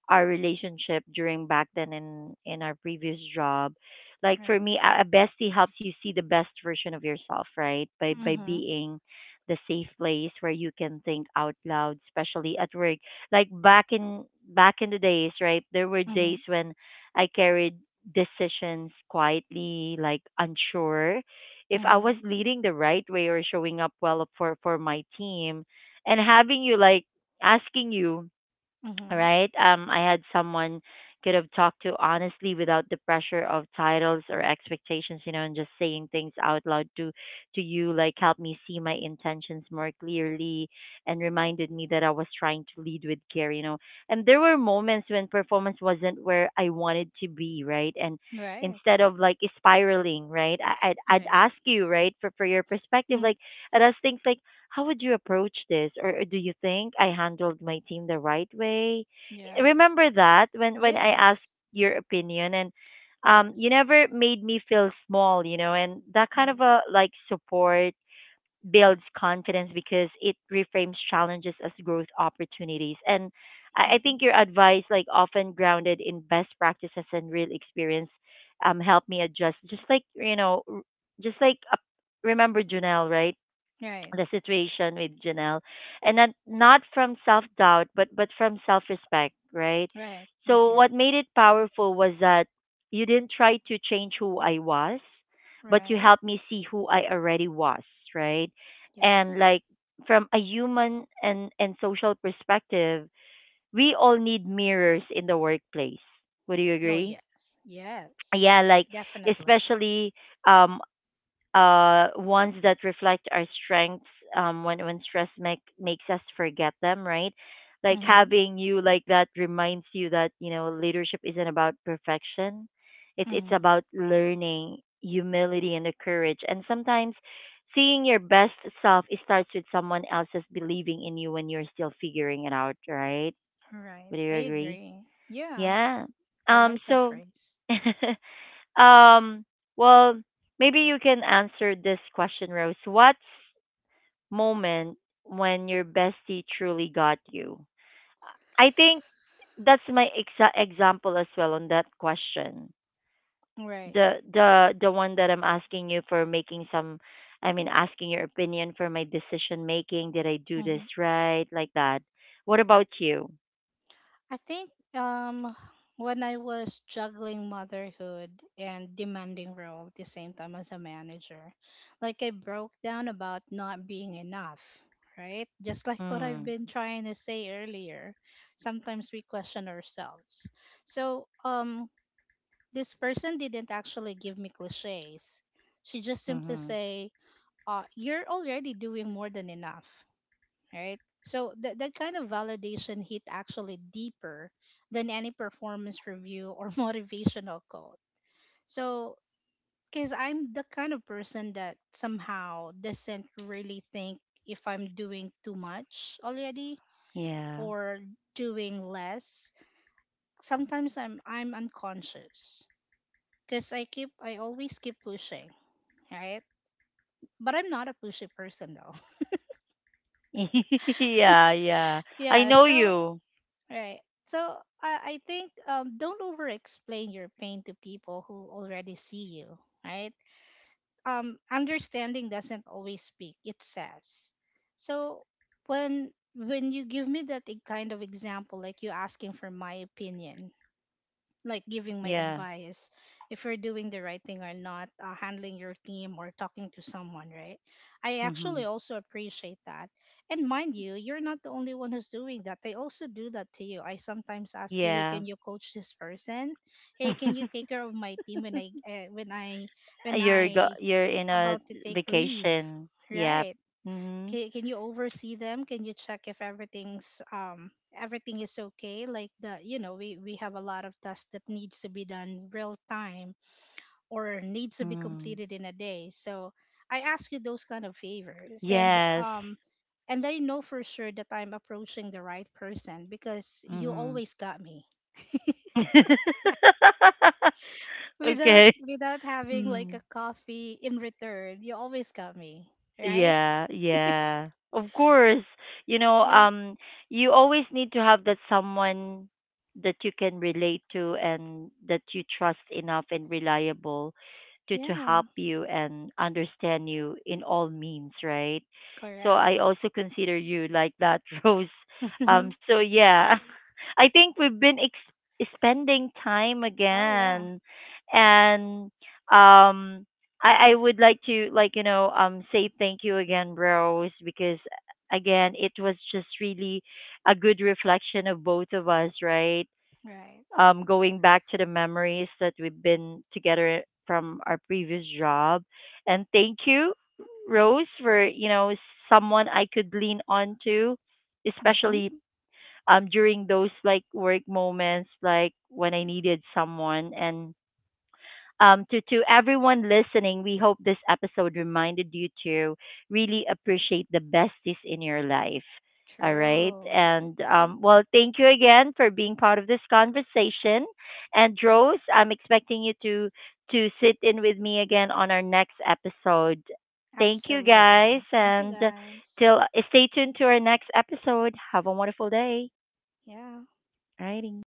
our relationship during back then in in our previous job. Like for right. me, a a bestie helps you see the best version of yourself, right? By by Mm-hmm. being the safe place where you can think out loud, especially at work. Like back in back in the days, right? There were Mm-hmm. days when I carried decisions quietly, like unsure if I was Mm-hmm. leading the right way or showing up well for for my team and having you like asking you, Mm-hmm. right? Um, I had someone could have talked to honestly without the pressure of titles or expectations, you know, and just saying things out loud to to you, like helped me see my intentions more clearly and reminded me that I was trying to lead with care, you know. And there were moments when performance wasn't where I wanted to be, right? And Right. instead of like spiraling, right, I- I'd I'd Right. ask you, right, for for your perspective, Mm, like I'd ask things like how would you approach this? Or, do you think I handled my team the right way? yeah. Remember that when, when I asked Yes. your opinion, and um, you Yes. never made me feel small, you know, and that kind Right. of a like support builds confidence because it reframes challenges as growth opportunities. And I, I Mm-hmm. think your advice, like often grounded in best practices and real experience, um, helped me adjust. Just like you know, r- just like uh, Remember Janelle, right? Right. The situation with Janelle, and not not from self doubt, but but from self respect, right? Right. I So agree. what made it powerful was that you didn't try to change who I was, but you Right. helped me see who I already was, right? And Yes. like from a human and and social perspective, we all need mirrors in the workplace. Would you Oh agree? yes, yes, Yeah, like definitely. especially um uh, ones that reflect our strengths um, when when stress make, makes us forget them, right? Like Mm-hmm. having you like that reminds you that you know leadership isn't about perfection. It's it's Mm-hmm. about learning humility and the courage. And sometimes seeing your best self, it starts with someone else's believing in you when you're still figuring it out, right? Right, Would I you agree? agree. Yeah, Yeah. I Um. like that So. phrase. [laughs] Um, well, maybe you can answer this question, Rose. What's moment when your bestie truly got you? I think that's my exa- example as well on that question. Right. The the the one that I'm asking you for making some, I mean asking your opinion for my decision making, did I do this Mm-hmm. right? Like that. What about you? I think um when I was juggling motherhood and demanding role at the same time as a manager, like I broke down about not being enough. Right, just like what I've Mm. been trying to say earlier, sometimes we question ourselves. So, um, this person didn't actually give me cliches. She just simply Mhm. say, uh, "You're already doing more than enough," right? So that that kind of validation hit actually deeper than any performance review or [laughs] motivational quote. So because I'm the kind of person that somehow doesn't really think if I'm doing too much already Yeah. or doing less. Sometimes I'm I'm unconscious because I keep I always keep pushing, right? But I'm not a pushy person though. [laughs] Yeah, yeah. [laughs] I Yeah, know so you. right. So I I think um don't over explain your pain to people who already see you, right? Um, understanding doesn't always speak, it says. So when when you give me that e- kind of example like you asking for my opinion, like giving my Yeah. advice if you're doing the right thing or not, uh, handling your team or talking to someone, right? I actually Mhm. also appreciate that, and mind you, you're not the only one who's doing that. They also do that to you. I sometimes ask you, hey, Yeah. can you coach this person, hey, can you [laughs] take care of my team when I uh, when I when you're go I You're in a about to take leave, vacation. Yep. right? Mhm. Can, can you oversee them, can you check if everything's um everything is okay, like the, you know, we we have a lot of tasks that needs to be done real time or needs to be Mm. completed in a day. So I ask you those kind of favors, and Yes. um and I know for sure that I'm approaching the right person because you Mhm. always got me [laughs] without Okay. without having like Mm. a coffee in return. You always got me, right? Yeah, yeah. Of course. You know, Yeah. um you always need to have that someone that you can relate to and that you trust enough and reliable to to Yeah, help you and understand you in all means, right? So I correct. also consider you like that, [laughs] Rose. [laughs] Oh, Um, so yeah. [laughs] I think we've been ex- spending time yeah. again, and um I I would like to like you know um say thank you again, Rose, because again it was just really a good reflection of both of us, right? Right. Um, going back to the memories that we've been together from our previous job, and thank you, Rose, for you know someone I could lean on to, Mm-hmm. especially um during those like work moments, like when I needed someone. And um, to to everyone listening, we hope this episode reminded you to really appreciate the besties in your life. All right, True. and um, well, thank you again for being part of this conversation. And Rose, I'm expecting you to to sit in with me again on our next episode. Thank you guys, Absolutely. Thank you, and guys. till stay tuned to our next episode. Have a wonderful day. Yeah. Alrighty.